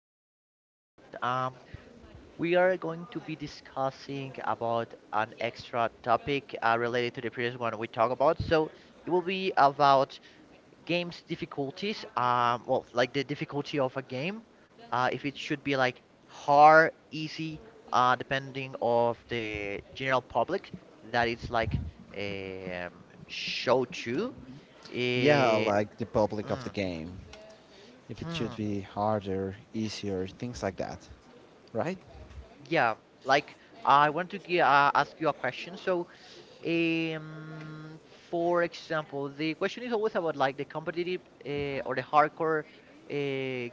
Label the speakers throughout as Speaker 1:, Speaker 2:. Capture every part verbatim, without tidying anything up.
Speaker 1: again with a new podcast. Um, we are going to be discussing about an extra topic uh, related to the previous one we talked about. So it will be about games difficulties. Um, well, like the difficulty of a game, uh, if it should be like hard, easy, uh, depending of the general public that it's like um, show to.
Speaker 2: Yeah,
Speaker 1: Uh,
Speaker 2: like the public of the
Speaker 1: mm,
Speaker 2: game. If it should
Speaker 1: hmm.
Speaker 2: be harder, easier, things like that, right?
Speaker 1: Yeah, like I want to gi- uh, ask you a question. So, um, for example, the question is always about like the competitive uh, or the hardcore uh,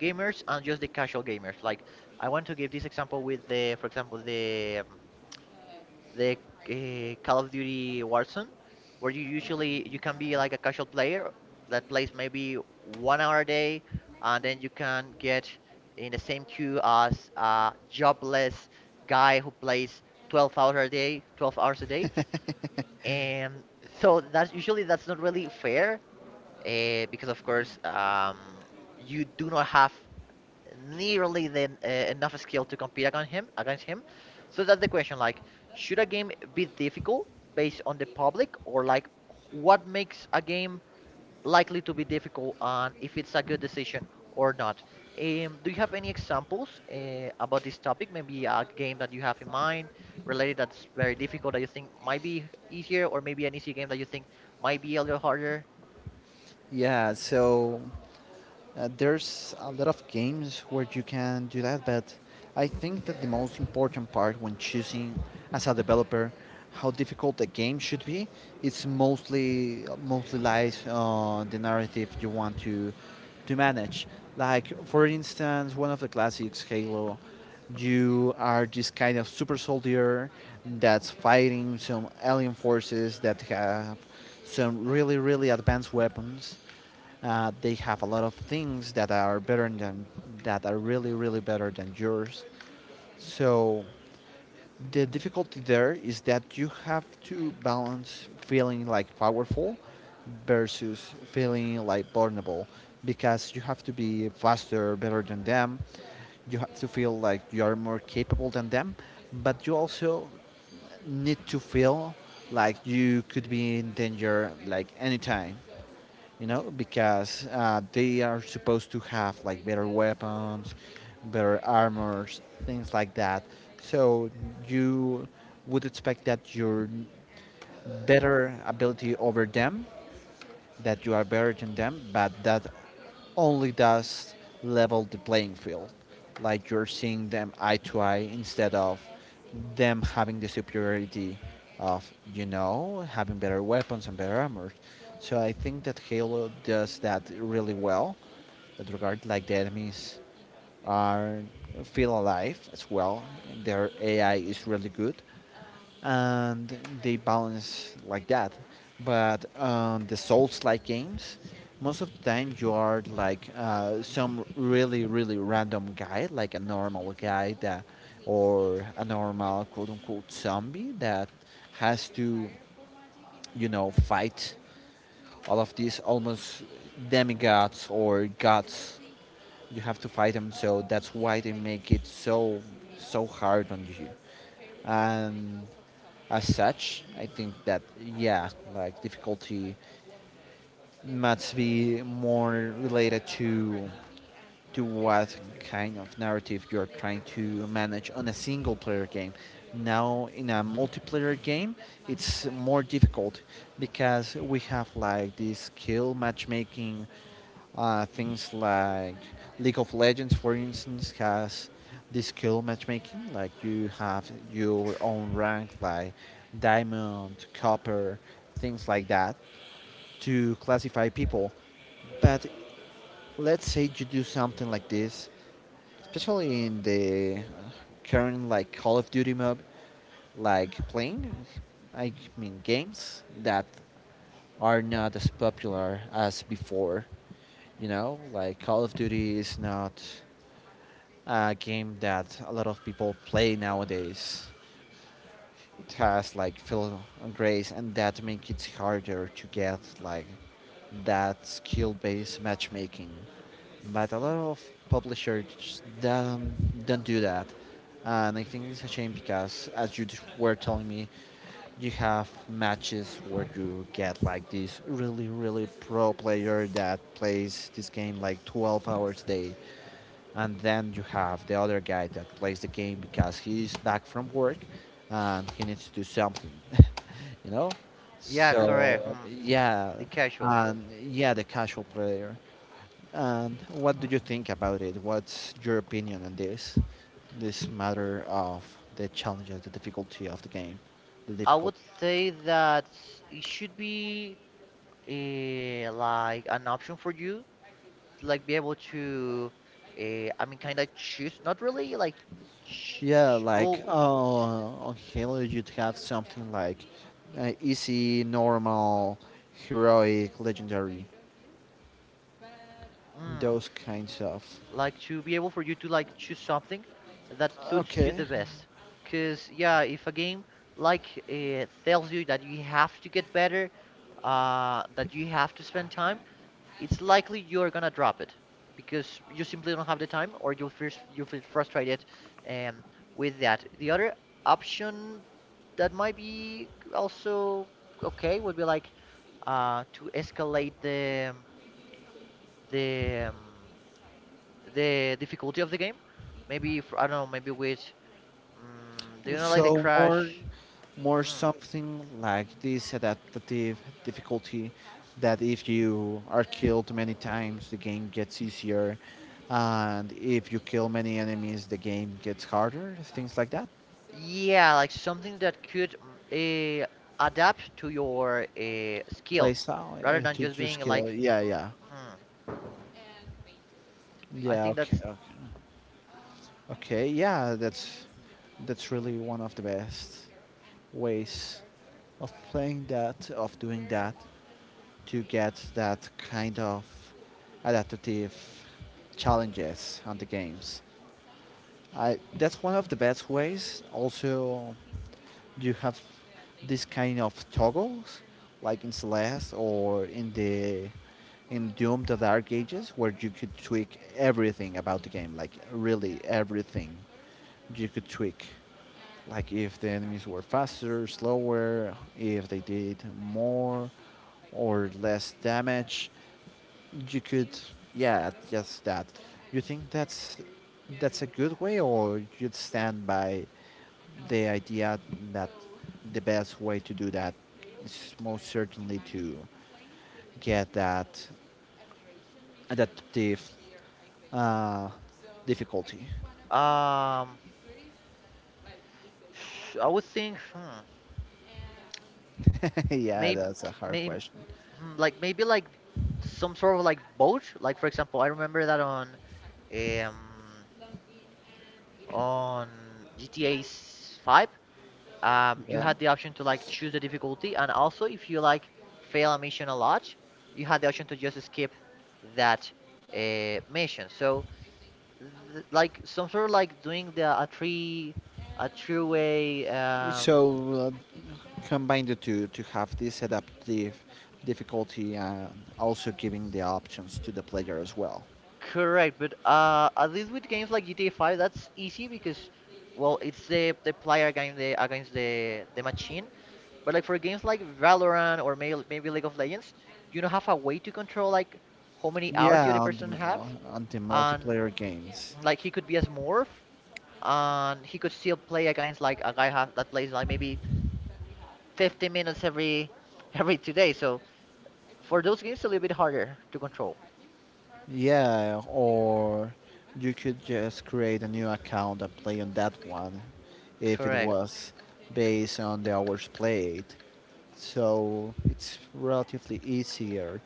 Speaker 1: gamers and just the casual gamers. Like, I want to give this example with the, for example, the um, the uh, Call of Duty Warzone, where you usually you can be like a casual player that plays maybe one hour a day, and then you can get in the same queue as a jobless guy who plays twelve hours a day, twelve hours a day, and so that's usually that's not really fair, uh, because of course um, you do not have nearly then uh, enough skill to compete against him against him, so that's the question, like, should a game be difficult based on the public, or like what makes a game likely to be difficult, and if it's a good decision or not? Um, do you have any examples uh, about this topic, maybe a game that you have in mind related that's very difficult that you think might be easier, or maybe an easy game that you think might be a little harder?
Speaker 2: Yeah, so Uh, there's a lot of games where you can do that, but I think that the most important part when choosing as a developer how difficult the game should be, it's mostly mostly lies on the narrative you want to to manage. Like for instance, one of the classics, Halo, you are this kind of super soldier that's fighting some alien forces that have some really really advanced weapons uh, they have a lot of things that are better than that are really really better than yours. So the difficulty there is that you have to balance feeling like powerful versus feeling like vulnerable because you have to be faster, better than them. You have to feel like you are more capable than them, but you also need to feel like you could be in danger like anytime, you know, because uh, they are supposed to have like better weapons, better armors, things like that. So you would expect that you're better ability over them, that you are better than them, but that only does level the playing field. Like you're seeing them eye to eye instead of them having the superiority of, you know, having better weapons and better armor. So I think that Halo does that really well. That regard, like the enemies are feel alive as well. Their A I is really good and they balance like that. But on um, the Souls-like games, most of the time you are like uh, some really really random guy, like a normal guy that, or a normal quote-unquote zombie that has to, you know, fight all of these almost demigods or gods. You have to fight them, so that's why they make it so so hard on you. And as such. I think that yeah, like difficulty must be more related to to what kind of narrative you're trying to manage on a single player game. Now in a multiplayer game, it's more difficult because we have like this skill matchmaking uh, things like League of Legends, for instance, has the skill matchmaking. Like you have your own rank, like diamond, copper, things like that, to classify people. But let's say you do something like this, especially in the uh, current like Call of Duty mode, like playing, I mean games that are not as popular as before. You know, like Call of Duty is not a game that a lot of people play nowadays. It has like fill and grace, and that makes it harder to get like that skill-based matchmaking. But a lot of publishers don't, don't do that, and I think it's a shame because, as you were telling me, you have matches where you get like this really, really pro player that plays this game like twelve hours a day and then you have the other guy that plays the game because he's back from work and he needs to do something you know,
Speaker 1: Yeah, correct.
Speaker 2: so
Speaker 1: Hmm.
Speaker 2: yeah.
Speaker 1: The casual.
Speaker 2: And yeah, the casual player, and what do you think about it? What's your opinion on this this matter of the challenges, the difficulty of the game, the
Speaker 1: I
Speaker 2: difficulty?
Speaker 1: would say that it should be uh, like an option for you, to, like, be able to, uh, I mean, kind of choose, not really like, ch
Speaker 2: Yeah,
Speaker 1: ch-
Speaker 2: like
Speaker 1: well,
Speaker 2: oh, on Halo you'd have something like uh, easy, normal, heroic, legendary,
Speaker 1: mm,
Speaker 2: those kinds of.
Speaker 1: like to be able for you to like choose something that suits you
Speaker 2: Okay,
Speaker 1: the best. Cause yeah, if a game like uh, tells you that you have to get better, uh, that you have to spend time, it's likely you're gonna drop it because you simply don't have the time, or you feel, you feel frustrated um, with that. The other option that might be also okay would be like uh, to escalate the the um, the difficulty of the game. Maybe f I don't know, maybe with mm, do you know like the
Speaker 2: so more
Speaker 1: crash?
Speaker 2: more
Speaker 1: Mm.
Speaker 2: something like this adaptive difficulty, that if you are killed many times the game gets easier, and if you kill many enemies the game gets harder, things like that.
Speaker 1: Yeah, like something that could uh, adapt to your uh,
Speaker 2: Play
Speaker 1: skill
Speaker 2: style,
Speaker 1: rather
Speaker 2: uh,
Speaker 1: than
Speaker 2: to
Speaker 1: just
Speaker 2: your
Speaker 1: being
Speaker 2: skill,
Speaker 1: like.
Speaker 2: yeah, yeah,
Speaker 1: Hmm. I
Speaker 2: yeah,
Speaker 1: think
Speaker 2: okay,
Speaker 1: that's
Speaker 2: okay. Okay, yeah, that's that's really one of the best ways of playing that, of doing that, to get that kind of adaptive challenges on the games. I, that's one of the best ways. Also, you have this kind of toggles, like in Celeste or in the in Doom: The Dark Ages, where you could tweak everything about the game, like really everything you could tweak. Like if the enemies were faster, slower, if they did more or less damage, you could yeah just that, you think that's that's a good way, or you'd stand by the idea that the best way to do that is most certainly to get that adaptive uh, difficulty?
Speaker 1: um. sh- I would think, hmm,
Speaker 2: Yeah,
Speaker 1: maybe
Speaker 2: that's a hard
Speaker 1: may,
Speaker 2: question.
Speaker 1: hmm, like maybe like some sort of like boat. Like, for example, I remember that on um on G T A five, um you
Speaker 2: Yeah,
Speaker 1: had the option to like choose the difficulty, and also if you like fail a mission a lot, you had the option to just skip that uh, mission. So th like some sort of like doing the a three a three way um
Speaker 2: so uh, combine the two to have this adaptive difficulty and also giving the options to the player as well.
Speaker 1: Correct, but uh, at least with games like G T A five, that's easy because, well, it's the the player game the against the the machine. But like for games like Valorant or maybe maybe League of Legends, you don't have a way to control, like, how many hours the
Speaker 2: Yeah,
Speaker 1: other
Speaker 2: on
Speaker 1: person have,
Speaker 2: the on the
Speaker 1: and
Speaker 2: multiplayer games.
Speaker 1: like he could be a smurf, and he could still play against like a guy have that plays like maybe fifty minutes every every two days. So for those games, it's a little bit harder to control.
Speaker 2: Yeah, or you could just create a new account and play on that one if it
Speaker 1: Correct.
Speaker 2: was based on the hours played. So it's relatively easier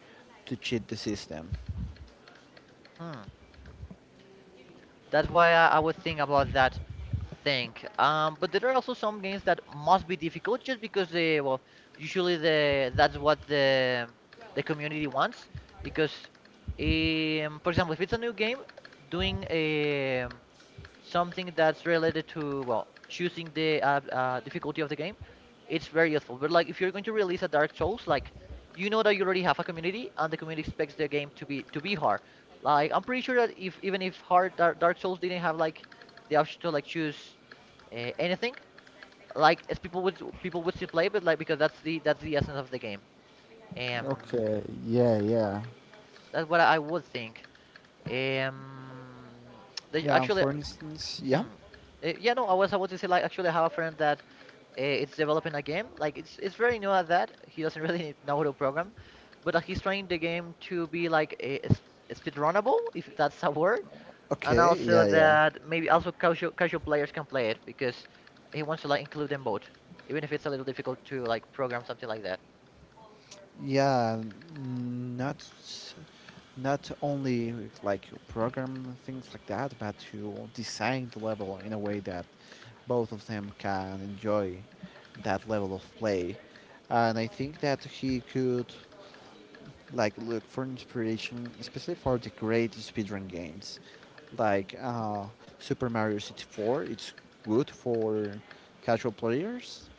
Speaker 2: to cheat the system.
Speaker 1: Hmm. That's why I, I would think about that. Think. Um, but there are also some games that must be difficult just because they, well, usually the that's what the the community wants, because um, for example, if it's a new game doing um something that's related to, well, choosing the uh, uh, difficulty of the game, it's very useful. But like, if you're going to release a dark souls, like, you know that you already have a community and the community expects the game to be to be hard. Like, I'm pretty sure that if even if hard dark, dark souls didn't have like the option to like choose uh, anything, like, as people would people would still play, but like because that's the that's the essence of the game. um
Speaker 2: Okay, yeah, yeah.
Speaker 1: that's what I would think. Um they
Speaker 2: Yeah,
Speaker 1: actually.
Speaker 2: for instance, yeah.
Speaker 1: Hmm. Eh, Yeah, no, I was about to say, like, actually I have a friend that uh, it's developing a game. Like, it's it's very new at that. He doesn't really know how to program, but uh, he's trying the game to be like a, s- speedrunnable, if that's a word, and
Speaker 2: Okay,
Speaker 1: also
Speaker 2: yeah, yeah.
Speaker 1: that maybe also casual casual players can play it because he wants to like include them both, even if it's a little difficult to like program something like that.
Speaker 2: Yeah, n- not not only like you program things like that, but you design the level in a way that both of them can enjoy that level of play. And I think that he could like look for inspiration, especially for the great speedrun games, like uh, Super Mario sixty-four. It's good for casual players,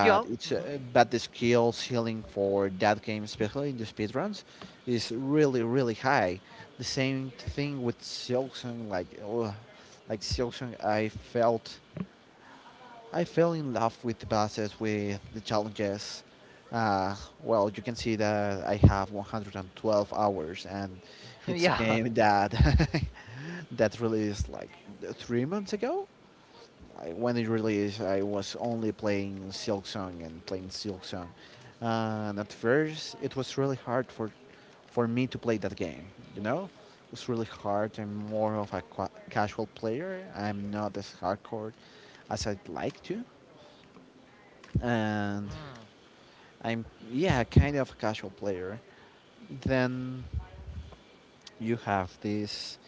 Speaker 1: Yeah.
Speaker 2: it's
Speaker 1: Mhm.
Speaker 2: uh, but the skill ceiling for that game, especially in the speedruns, is really really high. The same thing with Silksong, like ugh, like Silksong, I felt I fell in love with the bosses, with the challenges. Uh, well, you can see that I have one hundred twelve hours, and it's a
Speaker 1: Yeah.
Speaker 2: game that that released like three months ago. I, when it released, I was only playing Silk Song and playing Silk Song. Uh, and at first, it was really hard for for me to play that game. You know, it was really hard. I'm more of a qua casual player. I'm not as hardcore as I'd like to, and
Speaker 1: Hmm.
Speaker 2: I'm yeah, kind of a casual player. Then you have these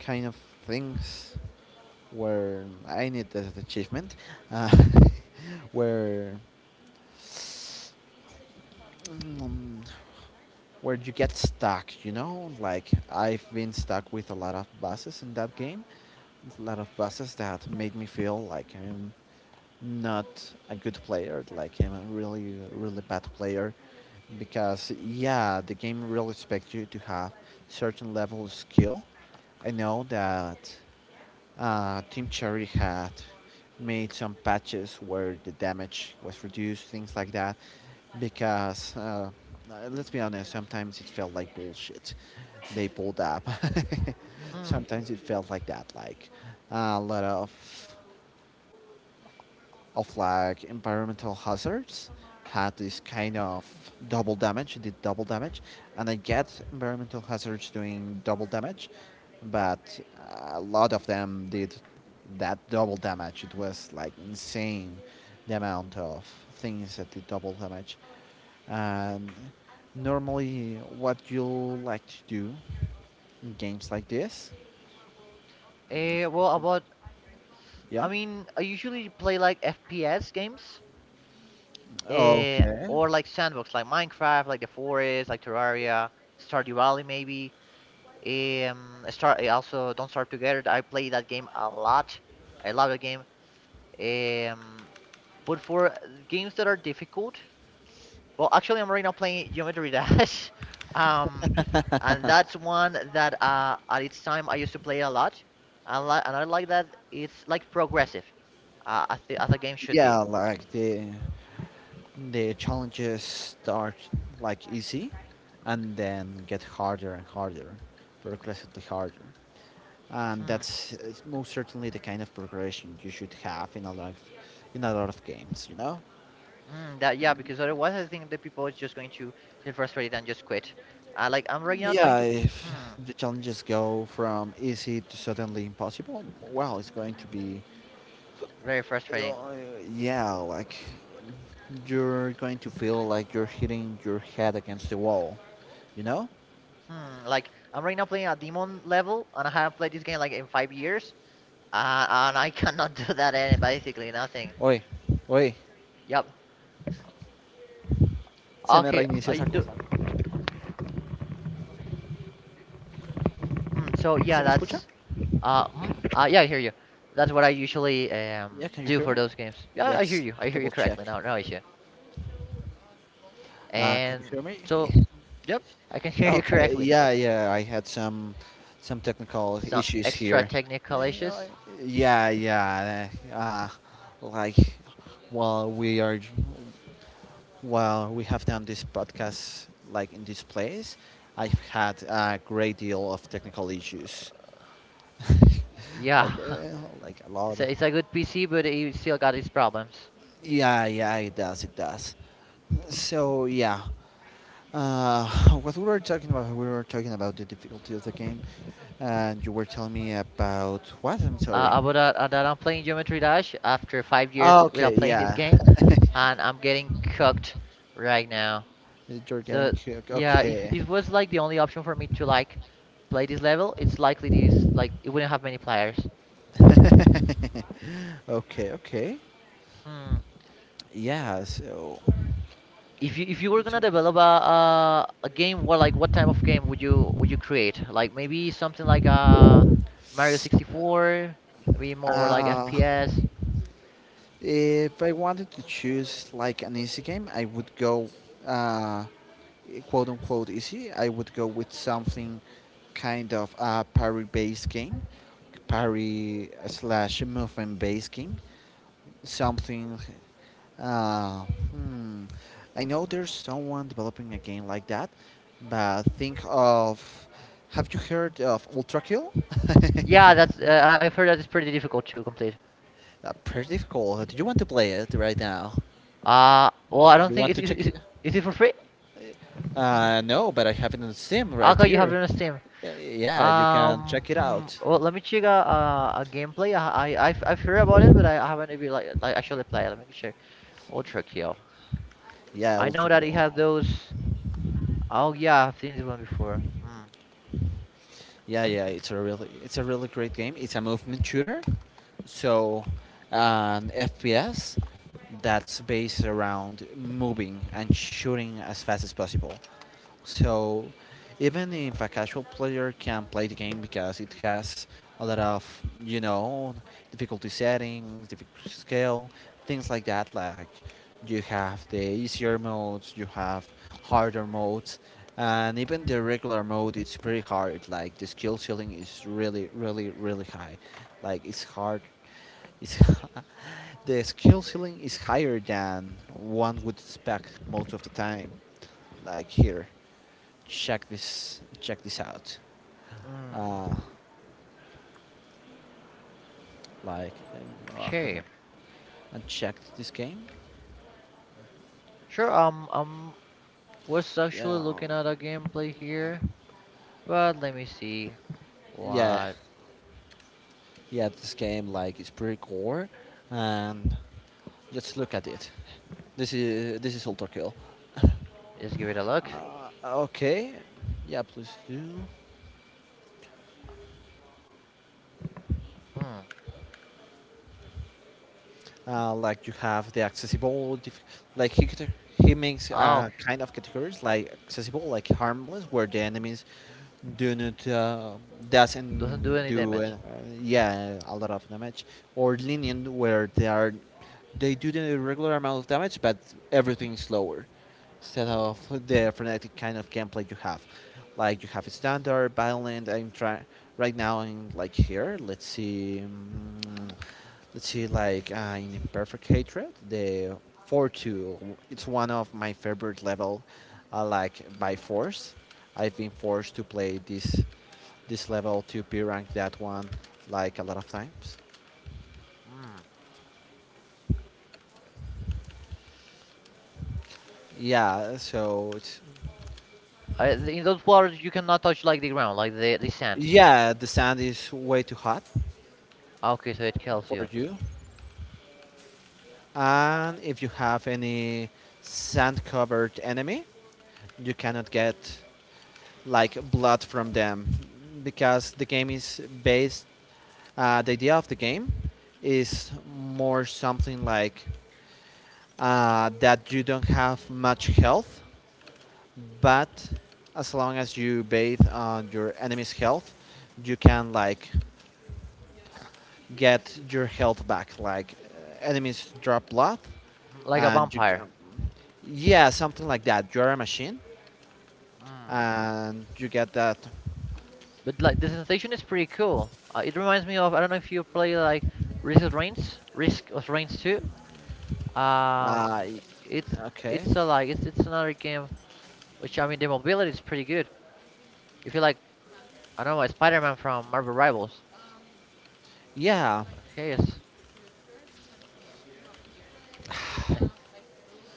Speaker 2: kind of things where I need this achievement, uh, where mm, where you get stuck. You know, like I've been stuck with a lot of bosses in that game, a lot of bosses that made me feel like I'm not a good player, like I'm a really really bad player, because yeah, the game really expects you to have certain level of skill. I know that Uh, Team Cherry had made some patches where the damage was reduced, things like that, because uh, uh, let's be honest, sometimes it felt like bullshit. They pulled up.
Speaker 1: Hmm.
Speaker 2: Sometimes it felt like that, like a lot of of like environmental hazards had this kind of double damage, did double damage, and I get environmental hazards doing double damage, but a lot of them did that double damage. It was like insane the amount of things that did double damage. And normally, what you like to do in games like this,
Speaker 1: Uh, well, about
Speaker 2: yeah,
Speaker 1: I
Speaker 2: okay,
Speaker 1: mean, I usually play like F P S games, uh, or like sandbox, like Minecraft, like The Forest, like Terraria, Stardew Valley, maybe. Um, Star eh, also Don't Starve Together. I play that game a lot. I love that game. Um, but for uh, games that are difficult, well, actually, I'm right now playing Geometry Dash, um, and that's one that uh, at its time I used to play a lot, and, li- and I like that it's like progressive, uh, as, the, as a game should be.
Speaker 2: yeah, like the the challenges start like easy and then get harder and harder, progressively harder. And
Speaker 1: Hmm.
Speaker 2: that's uh, most certainly the kind of progression you should have in a lot of, in a lot of games, you know?
Speaker 1: Mm, that, yeah, because otherwise I think the people is just going to feel frustrated and just quit. Uh, like I'm right now trying
Speaker 2: Yeah,
Speaker 1: to,
Speaker 2: if
Speaker 1: hmm,
Speaker 2: the challenges go from easy to suddenly impossible, well, it's going to be,
Speaker 1: very frustrating.
Speaker 2: uh, yeah, like you're going to feel like you're hitting your head against the wall, you know?
Speaker 1: Hmm, like I'm right now playing a demon level, and I haven't played this game like in five years, uh, and I cannot do that. Any basically nothing.
Speaker 2: Oye, oye,
Speaker 1: Yep.
Speaker 2: se me
Speaker 1: Okay.
Speaker 2: reinició
Speaker 1: I
Speaker 2: esa
Speaker 1: do.
Speaker 2: cosa.
Speaker 1: Mm, so yeah,
Speaker 2: ¿Se me escucha?
Speaker 1: that's uh, mhm, uh yeah, I hear you. That's what I usually
Speaker 2: Yeah,
Speaker 1: um
Speaker 2: can you
Speaker 1: do
Speaker 2: hear
Speaker 1: for
Speaker 2: me?
Speaker 1: those games. Yeah,
Speaker 2: Yeah,
Speaker 1: I hear
Speaker 2: it's
Speaker 1: you.
Speaker 2: to
Speaker 1: I hear you
Speaker 2: double check.
Speaker 1: correctly now. No issue.
Speaker 2: Uh, can
Speaker 1: And
Speaker 2: you hear
Speaker 1: so,
Speaker 2: me?
Speaker 1: yep, I can hear you
Speaker 2: Okay,
Speaker 1: correctly.
Speaker 2: yeah, yeah. I had some some technical
Speaker 1: Some
Speaker 2: issues
Speaker 1: extra
Speaker 2: here.
Speaker 1: technical
Speaker 2: Eh, I-
Speaker 1: issues.
Speaker 2: Yeah, yeah. Uh, like while we are while we have done this podcast like in this place, I've had a great deal of technical issues. Like
Speaker 1: Yeah,
Speaker 2: uh, like a
Speaker 1: it's
Speaker 2: lot.
Speaker 1: a, it's a good P C, but it still got its problems.
Speaker 2: Yeah, yeah, it does, it does. So yeah, Uh, what we were talking about, we were talking about the difficulty of the game, and you were telling me about what? I'm
Speaker 1: Uh,
Speaker 2: sorry.
Speaker 1: about that, uh, that I'm playing Geometry Dash after five
Speaker 2: Oh,
Speaker 1: years without
Speaker 2: okay,
Speaker 1: playing this
Speaker 2: yeah.
Speaker 1: game, and I'm getting cooked right now.
Speaker 2: You're getting
Speaker 1: So
Speaker 2: cooked.
Speaker 1: yeah, if
Speaker 2: Okay.
Speaker 1: this was like the only option for me to like play this level, it's likely this like it wouldn't have many players.
Speaker 2: Okay, okay.
Speaker 1: Hmm.
Speaker 2: Yeah, so.
Speaker 1: If you if you were
Speaker 2: so
Speaker 1: gonna develop a a, a game, what like what type of game would you would you create? Like maybe something like a Mario sixty-four, maybe more like
Speaker 2: uh,
Speaker 1: F P S.
Speaker 2: if I wanted to choose like an easy game, I would go. Uh, quote unquote easy, I would go with something kind of a parry based game, parry slash movement based game. Something. Uh, hmm, I know there's someone developing a game like that, but think of. Have you heard of Ultra Kill?
Speaker 1: Yeah,
Speaker 2: Yeah.
Speaker 1: that's uh, I- I've heard that it's pretty difficult to complete.
Speaker 2: Uh, pretty difficult. Do you want to play it right now?
Speaker 1: Uh well, I don't
Speaker 2: You
Speaker 1: think
Speaker 2: want
Speaker 1: is
Speaker 2: to
Speaker 1: is
Speaker 2: check
Speaker 1: is,
Speaker 2: it?
Speaker 1: is it for free?
Speaker 2: Uh, no, but I have it on Steam
Speaker 1: How
Speaker 2: right
Speaker 1: come you have
Speaker 2: here.
Speaker 1: it on Steam?
Speaker 2: Y- Yeah, you can
Speaker 1: Um,
Speaker 2: check it
Speaker 1: hmm,
Speaker 2: out.
Speaker 1: well, let me check a a, a gameplay. I I I've, I've heard about it, but I, I haven't even like like actually played it. Let me check Ultra Kill.
Speaker 2: Yeah,
Speaker 1: I know
Speaker 2: Ultra.
Speaker 1: that it has those. Oh yeah, I've seen this one before. Mm,
Speaker 2: Yeah, yeah, it's a really it's a really great game. It's a movement shooter, so an F P S that's based around moving and shooting as fast as possible. So even if a casual player can play the game because it has a lot of you know difficulty settings, difficulty scale, things like that. Like you have the easier modes, you have harder modes, and even the regular mode it's pretty hard. Like the skill ceiling is really, really, really high. Like it's hard. It's the skill ceiling is higher than one would expect most of the time. Like here, check this check this out.
Speaker 1: mm,
Speaker 2: Uh, like um, oh, I
Speaker 1: okay,
Speaker 2: checked this game.
Speaker 1: sure. Um, um, was
Speaker 2: Yeah,
Speaker 1: actually
Speaker 2: um,
Speaker 1: looking at a gameplay here, but let me see.
Speaker 2: yeah,
Speaker 1: What?
Speaker 2: yeah. This game like is pretty core, and just look at it. This is this is Ultra Kill.
Speaker 1: Just give it a look.
Speaker 2: Uh, okay, yeah. Please do.
Speaker 1: Hmm.
Speaker 2: Uh, like you have the accessibility, like he cate- he makes
Speaker 1: Oh,
Speaker 2: uh,
Speaker 1: okay.
Speaker 2: kind of categories like accessible, like harmless, where the enemies do not uh,
Speaker 1: Doesn't
Speaker 2: doesn't
Speaker 1: do any
Speaker 2: do
Speaker 1: damage.
Speaker 2: uh, yeah, a lot of damage, or lenient where they are they do the regular amount of damage but everything is lower instead of the frenetic kind of gameplay you have. Like you have a standard, violent. I'm trying right now. I like here. Let's see. mm, Let's see, like uh, in Imperfect Hatred, the four two, it's one of my favorite level, uh, like by force. I've been forced to play this this level to P rank that one like a lot of times.
Speaker 1: Hmm.
Speaker 2: Yeah, so it's
Speaker 1: I, in those waters, you cannot touch like the ground, like the the sand.
Speaker 2: yeah, the sand is way too hot
Speaker 1: Ah, okay, so it kills you.
Speaker 2: for you. And if you have any sand covered enemy, you cannot get like blood from them because the game is based. Uh, the idea of the game is more something like uh, that you don't have much health, but as long as you bathe on your enemy's health, you can like get your health back. Like uh, enemies drop blood,
Speaker 1: Mm, like a
Speaker 2: and you can,
Speaker 1: vampire.
Speaker 2: yeah, something like that. You're a machine,
Speaker 1: Mm.
Speaker 2: and you get that.
Speaker 1: But like the sensation is pretty cool. Uh, it reminds me of, I don't know if you play like Risk of Rains, Risk of Rains two.
Speaker 2: Uh,
Speaker 1: Um, it's
Speaker 2: okay.
Speaker 1: it's a, like it's it's another game, which, I mean, the mobility is pretty good. If you like, I don't know, Spider-Man from Marvel Rivals.
Speaker 2: Yeah.
Speaker 1: Okay, yes.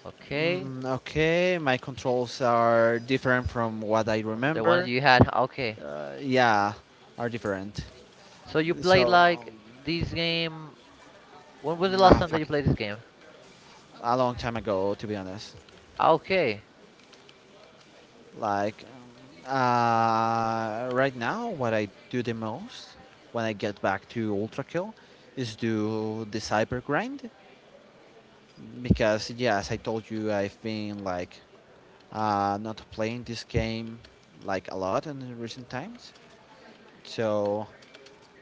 Speaker 1: Okay,
Speaker 2: Mm, okay. My controls are different from what I
Speaker 1: those are the ones
Speaker 2: remember.
Speaker 1: you had. Okay,
Speaker 2: Uh, yeah, are different.
Speaker 1: so you played
Speaker 2: So, um,
Speaker 1: like this game. When was the last
Speaker 2: ah,
Speaker 1: time that you
Speaker 2: fuck, it.
Speaker 1: played this game?
Speaker 2: A long time ago, to be honest.
Speaker 1: Ah, okay,
Speaker 2: Like, uh, right now, what I do the most when I get back to Ultra Kill is do the cyber grind because, yeah, as I told you, I've been like uh, not playing this game like a lot in recent times. So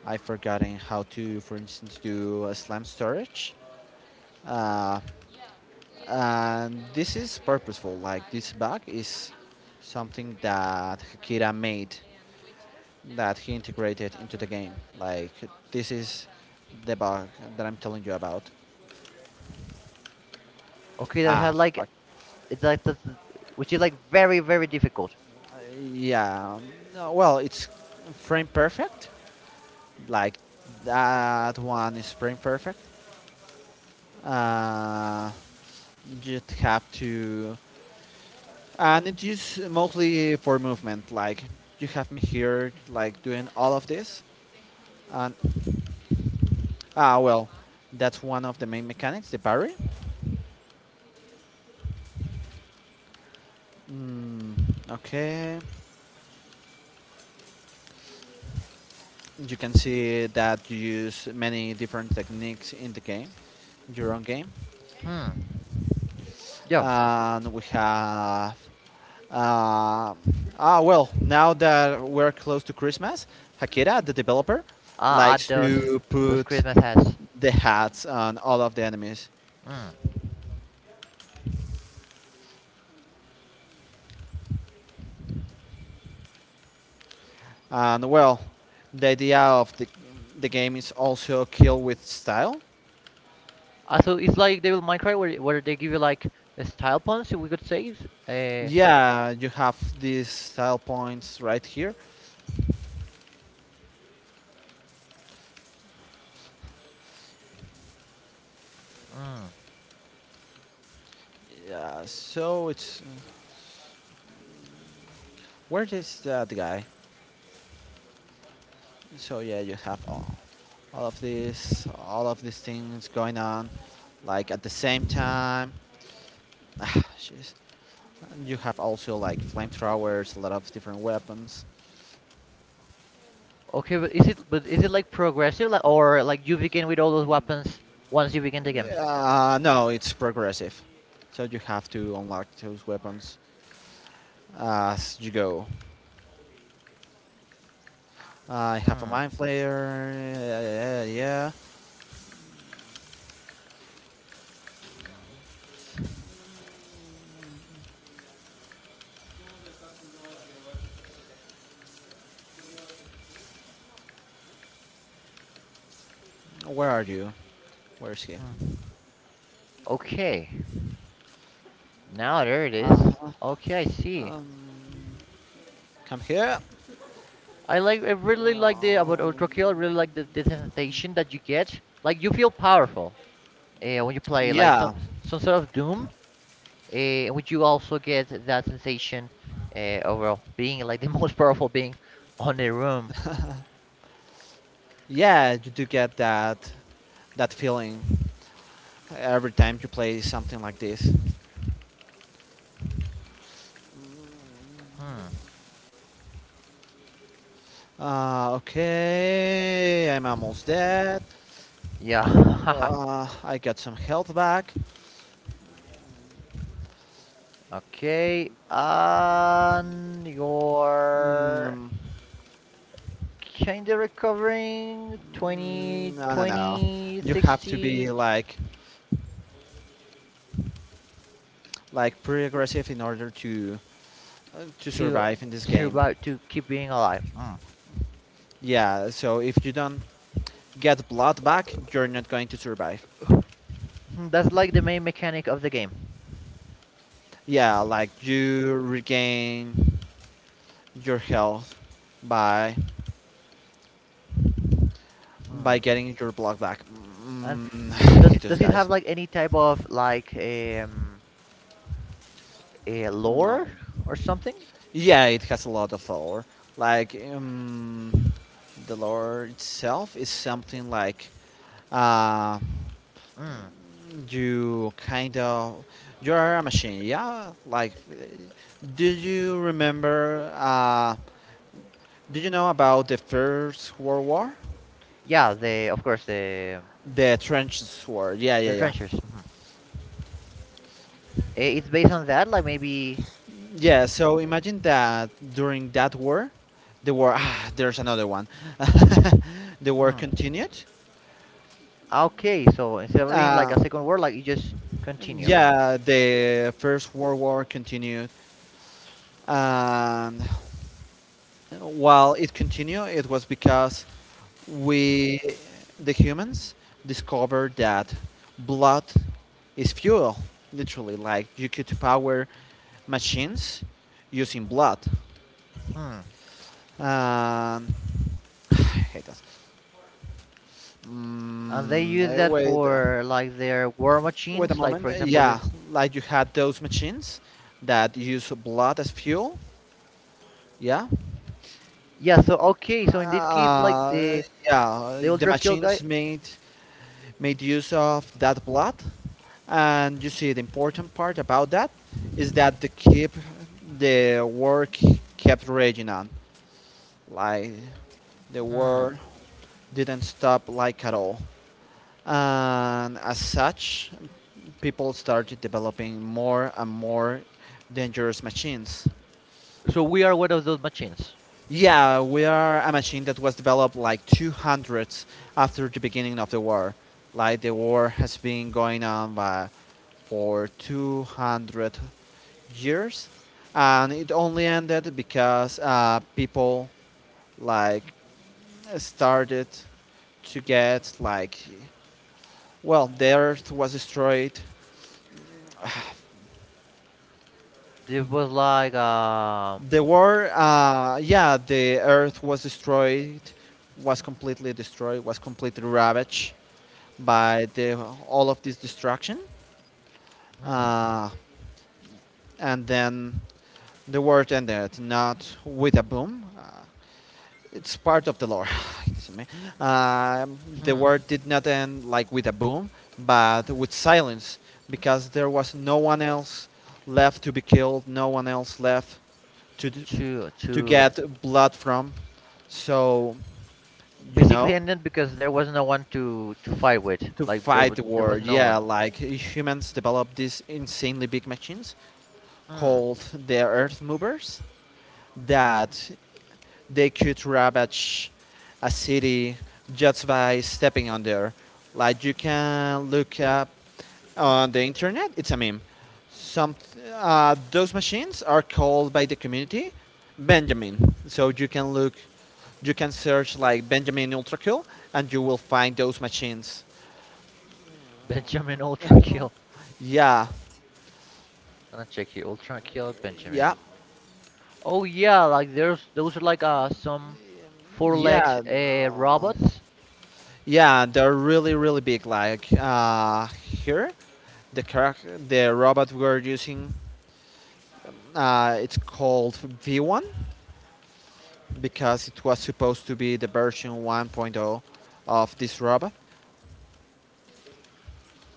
Speaker 2: I've forgotten how to, for instance, do a slam storage. Uh, And this is purposeful. Like this bag is something that Hakira made that he integrated into the game. Like this is the bug that I'm telling you about.
Speaker 1: okay, that had
Speaker 2: Ah,
Speaker 1: like
Speaker 2: fuck.
Speaker 1: it's like that's, which is like very very difficult.
Speaker 2: Uh, Yeah. No, well, it's frame perfect. Like that one is frame perfect. Uh, you have to, and it's used mostly for movement. Like you have me here, like doing all of this, and ah, well, that's one of the main mechanics, the parry. Mm, okay. You can see that you use many different techniques in the game, your own game.
Speaker 1: Hmm. Yeah.
Speaker 2: And we have. Uh, ah, well, now that we're close to Christmas, Hakira, the developer,
Speaker 1: Ah, Uh, at
Speaker 2: likes
Speaker 1: those
Speaker 2: to
Speaker 1: those
Speaker 2: put
Speaker 1: Christmas has.
Speaker 2: the hats on all of the enemies.
Speaker 1: Hmm.
Speaker 2: And well, the idea of the, the game is also kill with style.
Speaker 1: Uh, so it's like Devil May Cry, where where they give you like a style points, if we could say. Uh,
Speaker 2: Yeah, you have these style points right here.
Speaker 1: mm.
Speaker 2: Yeah, so it's where is that guy? So yeah, you have all, all of these, all of these things going on, like at the same time. Ah, jeez. And you have also like flamethrowers, a lot of different weapons.
Speaker 1: Okay, but is it but is it like progressive, like, or like you begin with all those weapons once you begin the game?
Speaker 2: Uh, no, it's progressive, so you have to unlock those weapons as you go. I have a
Speaker 1: Mm.
Speaker 2: mind flayer. Yeah, yeah, yeah. Yeah. Where are you? Where is he?
Speaker 1: Hmm. Okay. Now there it is.
Speaker 2: Uh-huh.
Speaker 1: Okay, I see.
Speaker 2: Um, Come here.
Speaker 1: I like I really like the about
Speaker 2: Um,
Speaker 1: Ultra Kill, I really like the, the sensation that you get. Like you feel powerful. Uh, when you play like
Speaker 2: yeah,
Speaker 1: some some sort of Doom, eh, in which you also get that sensation uh, of, well, being like the most powerful being on the room.
Speaker 2: yeah, you do get that that feeling every time you play something like this.
Speaker 1: Hmm.
Speaker 2: Uh, okay, I'm almost dead.
Speaker 1: Yeah.
Speaker 2: Uh, I got some health back.
Speaker 1: Okay. And you're
Speaker 2: Mm,
Speaker 1: kind of recovering twenty,
Speaker 2: mm, I don't know.
Speaker 1: twenty,
Speaker 2: You have to
Speaker 1: sixty
Speaker 2: be like like pretty aggressive in order to uh, to
Speaker 1: to
Speaker 2: survive in this
Speaker 1: to
Speaker 2: game.
Speaker 1: survive, to keep being alive. Mm.
Speaker 2: Yeah, so if you don't get blood back, you're not going to survive.
Speaker 1: Hmm, that's like the main mechanic of the game.
Speaker 2: Yeah, like you regain your health by by
Speaker 1: Hmm.
Speaker 2: getting your blood back.
Speaker 1: And
Speaker 2: Mm, I
Speaker 1: does
Speaker 2: hate
Speaker 1: it
Speaker 2: those
Speaker 1: does it
Speaker 2: guys.
Speaker 1: have like any type of like um a
Speaker 2: No.
Speaker 1: lore or something?
Speaker 2: Yeah, it has a lot of lore. Like um, the lore itself is something like uh,
Speaker 1: Mm.
Speaker 2: you kind of you are a machine. Yeah, like do you remember? Uh, do you know about the First World War?
Speaker 1: Yeah, the of course, the
Speaker 2: The trenches war. Yeah, yeah,
Speaker 1: the
Speaker 2: yeah.
Speaker 1: trenchers. Mhm. Eh, It's based on that, like maybe.
Speaker 2: Yeah, so imagine that during that war, the war, ah, there's another one. The war
Speaker 1: Mm.
Speaker 2: continued.
Speaker 1: Ah, okay, so instead of being like
Speaker 2: Uh,
Speaker 1: a second word, like you just continue. Mm.
Speaker 2: yeah, the First World War continued. And while it continued, it was because we, the humans, discovered that blood is fuel, literally. Like you could power machines using blood.
Speaker 1: Hmm.
Speaker 2: Um, I hate us.
Speaker 1: And they
Speaker 2: Mm,
Speaker 1: use
Speaker 2: uh,
Speaker 1: that
Speaker 2: wait, uh,
Speaker 1: for like their war
Speaker 2: Wait a
Speaker 1: machines, like
Speaker 2: moment.
Speaker 1: for
Speaker 2: Uh,
Speaker 1: example the.
Speaker 2: Yeah, like you had those machines that use blood as fuel. Yeah.
Speaker 1: Yeah. So okay, so in this case, like
Speaker 2: Uh,
Speaker 1: the
Speaker 2: yeah,
Speaker 1: the
Speaker 2: the
Speaker 1: ultra kill guy.
Speaker 2: machines made made use of that blood, and you see the important part about that is that the keep the work kept raging on, like the
Speaker 1: Hmm.
Speaker 2: war didn't stop like at all, and as such, people started developing more and more dangerous machines.
Speaker 1: So we are one of those machines.
Speaker 2: Yeah, we are a machine that was developed like two hundred after the beginning of the war. Like the war has been going on by, for two hundred years, and it only ended because uh, people like started to get like, well, the Earth was destroyed.
Speaker 1: This was like um.
Speaker 2: The war, uh, yeah, the Earth was destroyed, was completely destroyed, was completely ravaged by the all of this destruction,
Speaker 1: Hmm.
Speaker 2: uh, and then the world ended not with a boom. Uh, it's part of the lore. It's Um the
Speaker 1: Hmm.
Speaker 2: world did not end like with a boom, but with silence, because there was no one else left to be killed, no one else left to d-
Speaker 1: To
Speaker 2: to
Speaker 1: to.
Speaker 2: get blood from. So, you
Speaker 1: Basically
Speaker 2: know,
Speaker 1: ended because there was no one to to fight with.
Speaker 2: to
Speaker 1: Like there, wa-
Speaker 2: fight the
Speaker 1: there
Speaker 2: war.
Speaker 1: was no
Speaker 2: Yeah,
Speaker 1: one.
Speaker 2: like humans developed these insanely big machines
Speaker 1: Hmm.
Speaker 2: called the Earth Movers that they could ravage a city just by stepping on there. Like you can look up on the internet, it's a meme. Some uh, Those machines are called by the community Benjamin. So you can look you can search like Benjamin Ultrakill and you will find those machines.
Speaker 1: Benjamin Ultra
Speaker 2: Oh.
Speaker 1: Kill.
Speaker 2: Yeah,
Speaker 1: I'm gonna check here. Ultra Kill Benjamin.
Speaker 2: yeah,
Speaker 1: Oh yeah, like there's those are like uh some four-legged
Speaker 2: yeah,
Speaker 1: uh
Speaker 2: no.
Speaker 1: robots.
Speaker 2: Yeah, they're really, really big. Like uh, here, the car- the robot we're using, uh, it's called V one because it was supposed to be the version 1.0 of this robot.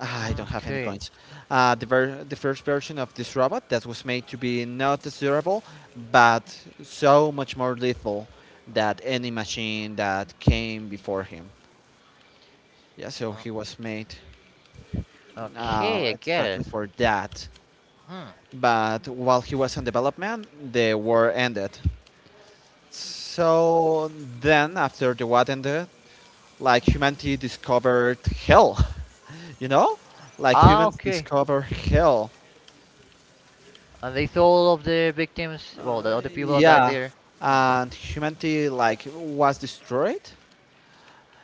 Speaker 2: I don't have any
Speaker 1: Okay.
Speaker 2: coins. Uh, the, ver- the first version of this robot that was made to be not as durable, but so much more lethal than any machine that came before him. Yeah, so
Speaker 1: Mm.
Speaker 2: he was made uh,
Speaker 1: Okay, I get
Speaker 2: exactly
Speaker 1: it.
Speaker 2: for that.
Speaker 1: Hmm.
Speaker 2: But while he was on development, the war ended. So then, after the war ended, like humanity discovered hell, you know? Like
Speaker 1: Ah,
Speaker 2: humans
Speaker 1: okay.
Speaker 2: discovered hell,
Speaker 1: And they saw all of the victims. Well, the other people that died
Speaker 2: yeah,
Speaker 1: there. Hmm.
Speaker 2: and humanity like was destroyed.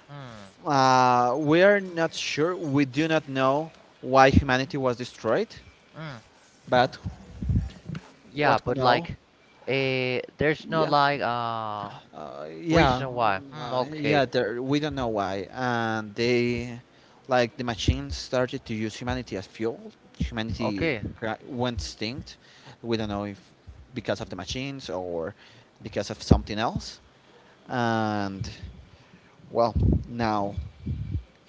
Speaker 1: Hmm.
Speaker 2: Uh, we are not sure. We do not know why humanity was destroyed,
Speaker 1: Hmm.
Speaker 2: but
Speaker 1: Yeah,
Speaker 2: what we
Speaker 1: but
Speaker 2: know,
Speaker 1: like, eh, there's no
Speaker 2: yeah,
Speaker 1: like uh
Speaker 2: uh, yeah,
Speaker 1: reason why. Hmm.
Speaker 2: uh,
Speaker 1: Okay.
Speaker 2: yeah. There, we don't know why, and they, like the machines, started to use humanity as fuel. Humanity
Speaker 1: Okay.
Speaker 2: cra- went extinct. We don't know if because of the machines or because of something else, and well, now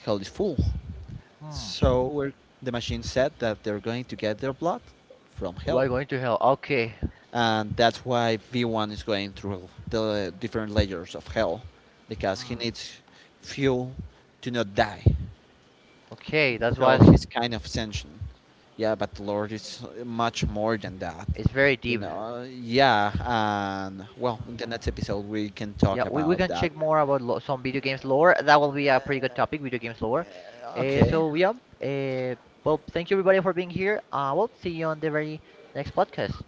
Speaker 2: hell is full.
Speaker 1: Hmm.
Speaker 2: So we're, the machine said that they're going to get their blood from
Speaker 1: We're
Speaker 2: hell.
Speaker 1: going to hell. Okay.
Speaker 2: And that's why V one is going through the different layers of hell because he
Speaker 1: Hmm.
Speaker 2: needs fuel to not die.
Speaker 1: Okay. That
Speaker 2: So
Speaker 1: was.
Speaker 2: he's kind of sentient. Yeah, but the Lord is much more than that.
Speaker 1: It's very
Speaker 2: You
Speaker 1: deep.
Speaker 2: know, yeah, and well, in
Speaker 1: Hmm.
Speaker 2: the next episode we can
Speaker 1: Yeah,
Speaker 2: talk
Speaker 1: we, we
Speaker 2: about
Speaker 1: can
Speaker 2: that.
Speaker 1: check more about lo some video games lore. That will be a pretty good topic, video games lore. Uh,
Speaker 2: Okay.
Speaker 1: so yeah. Uh, well, thank you, everybody, for being here. Uh, we'll see you on the very next podcast.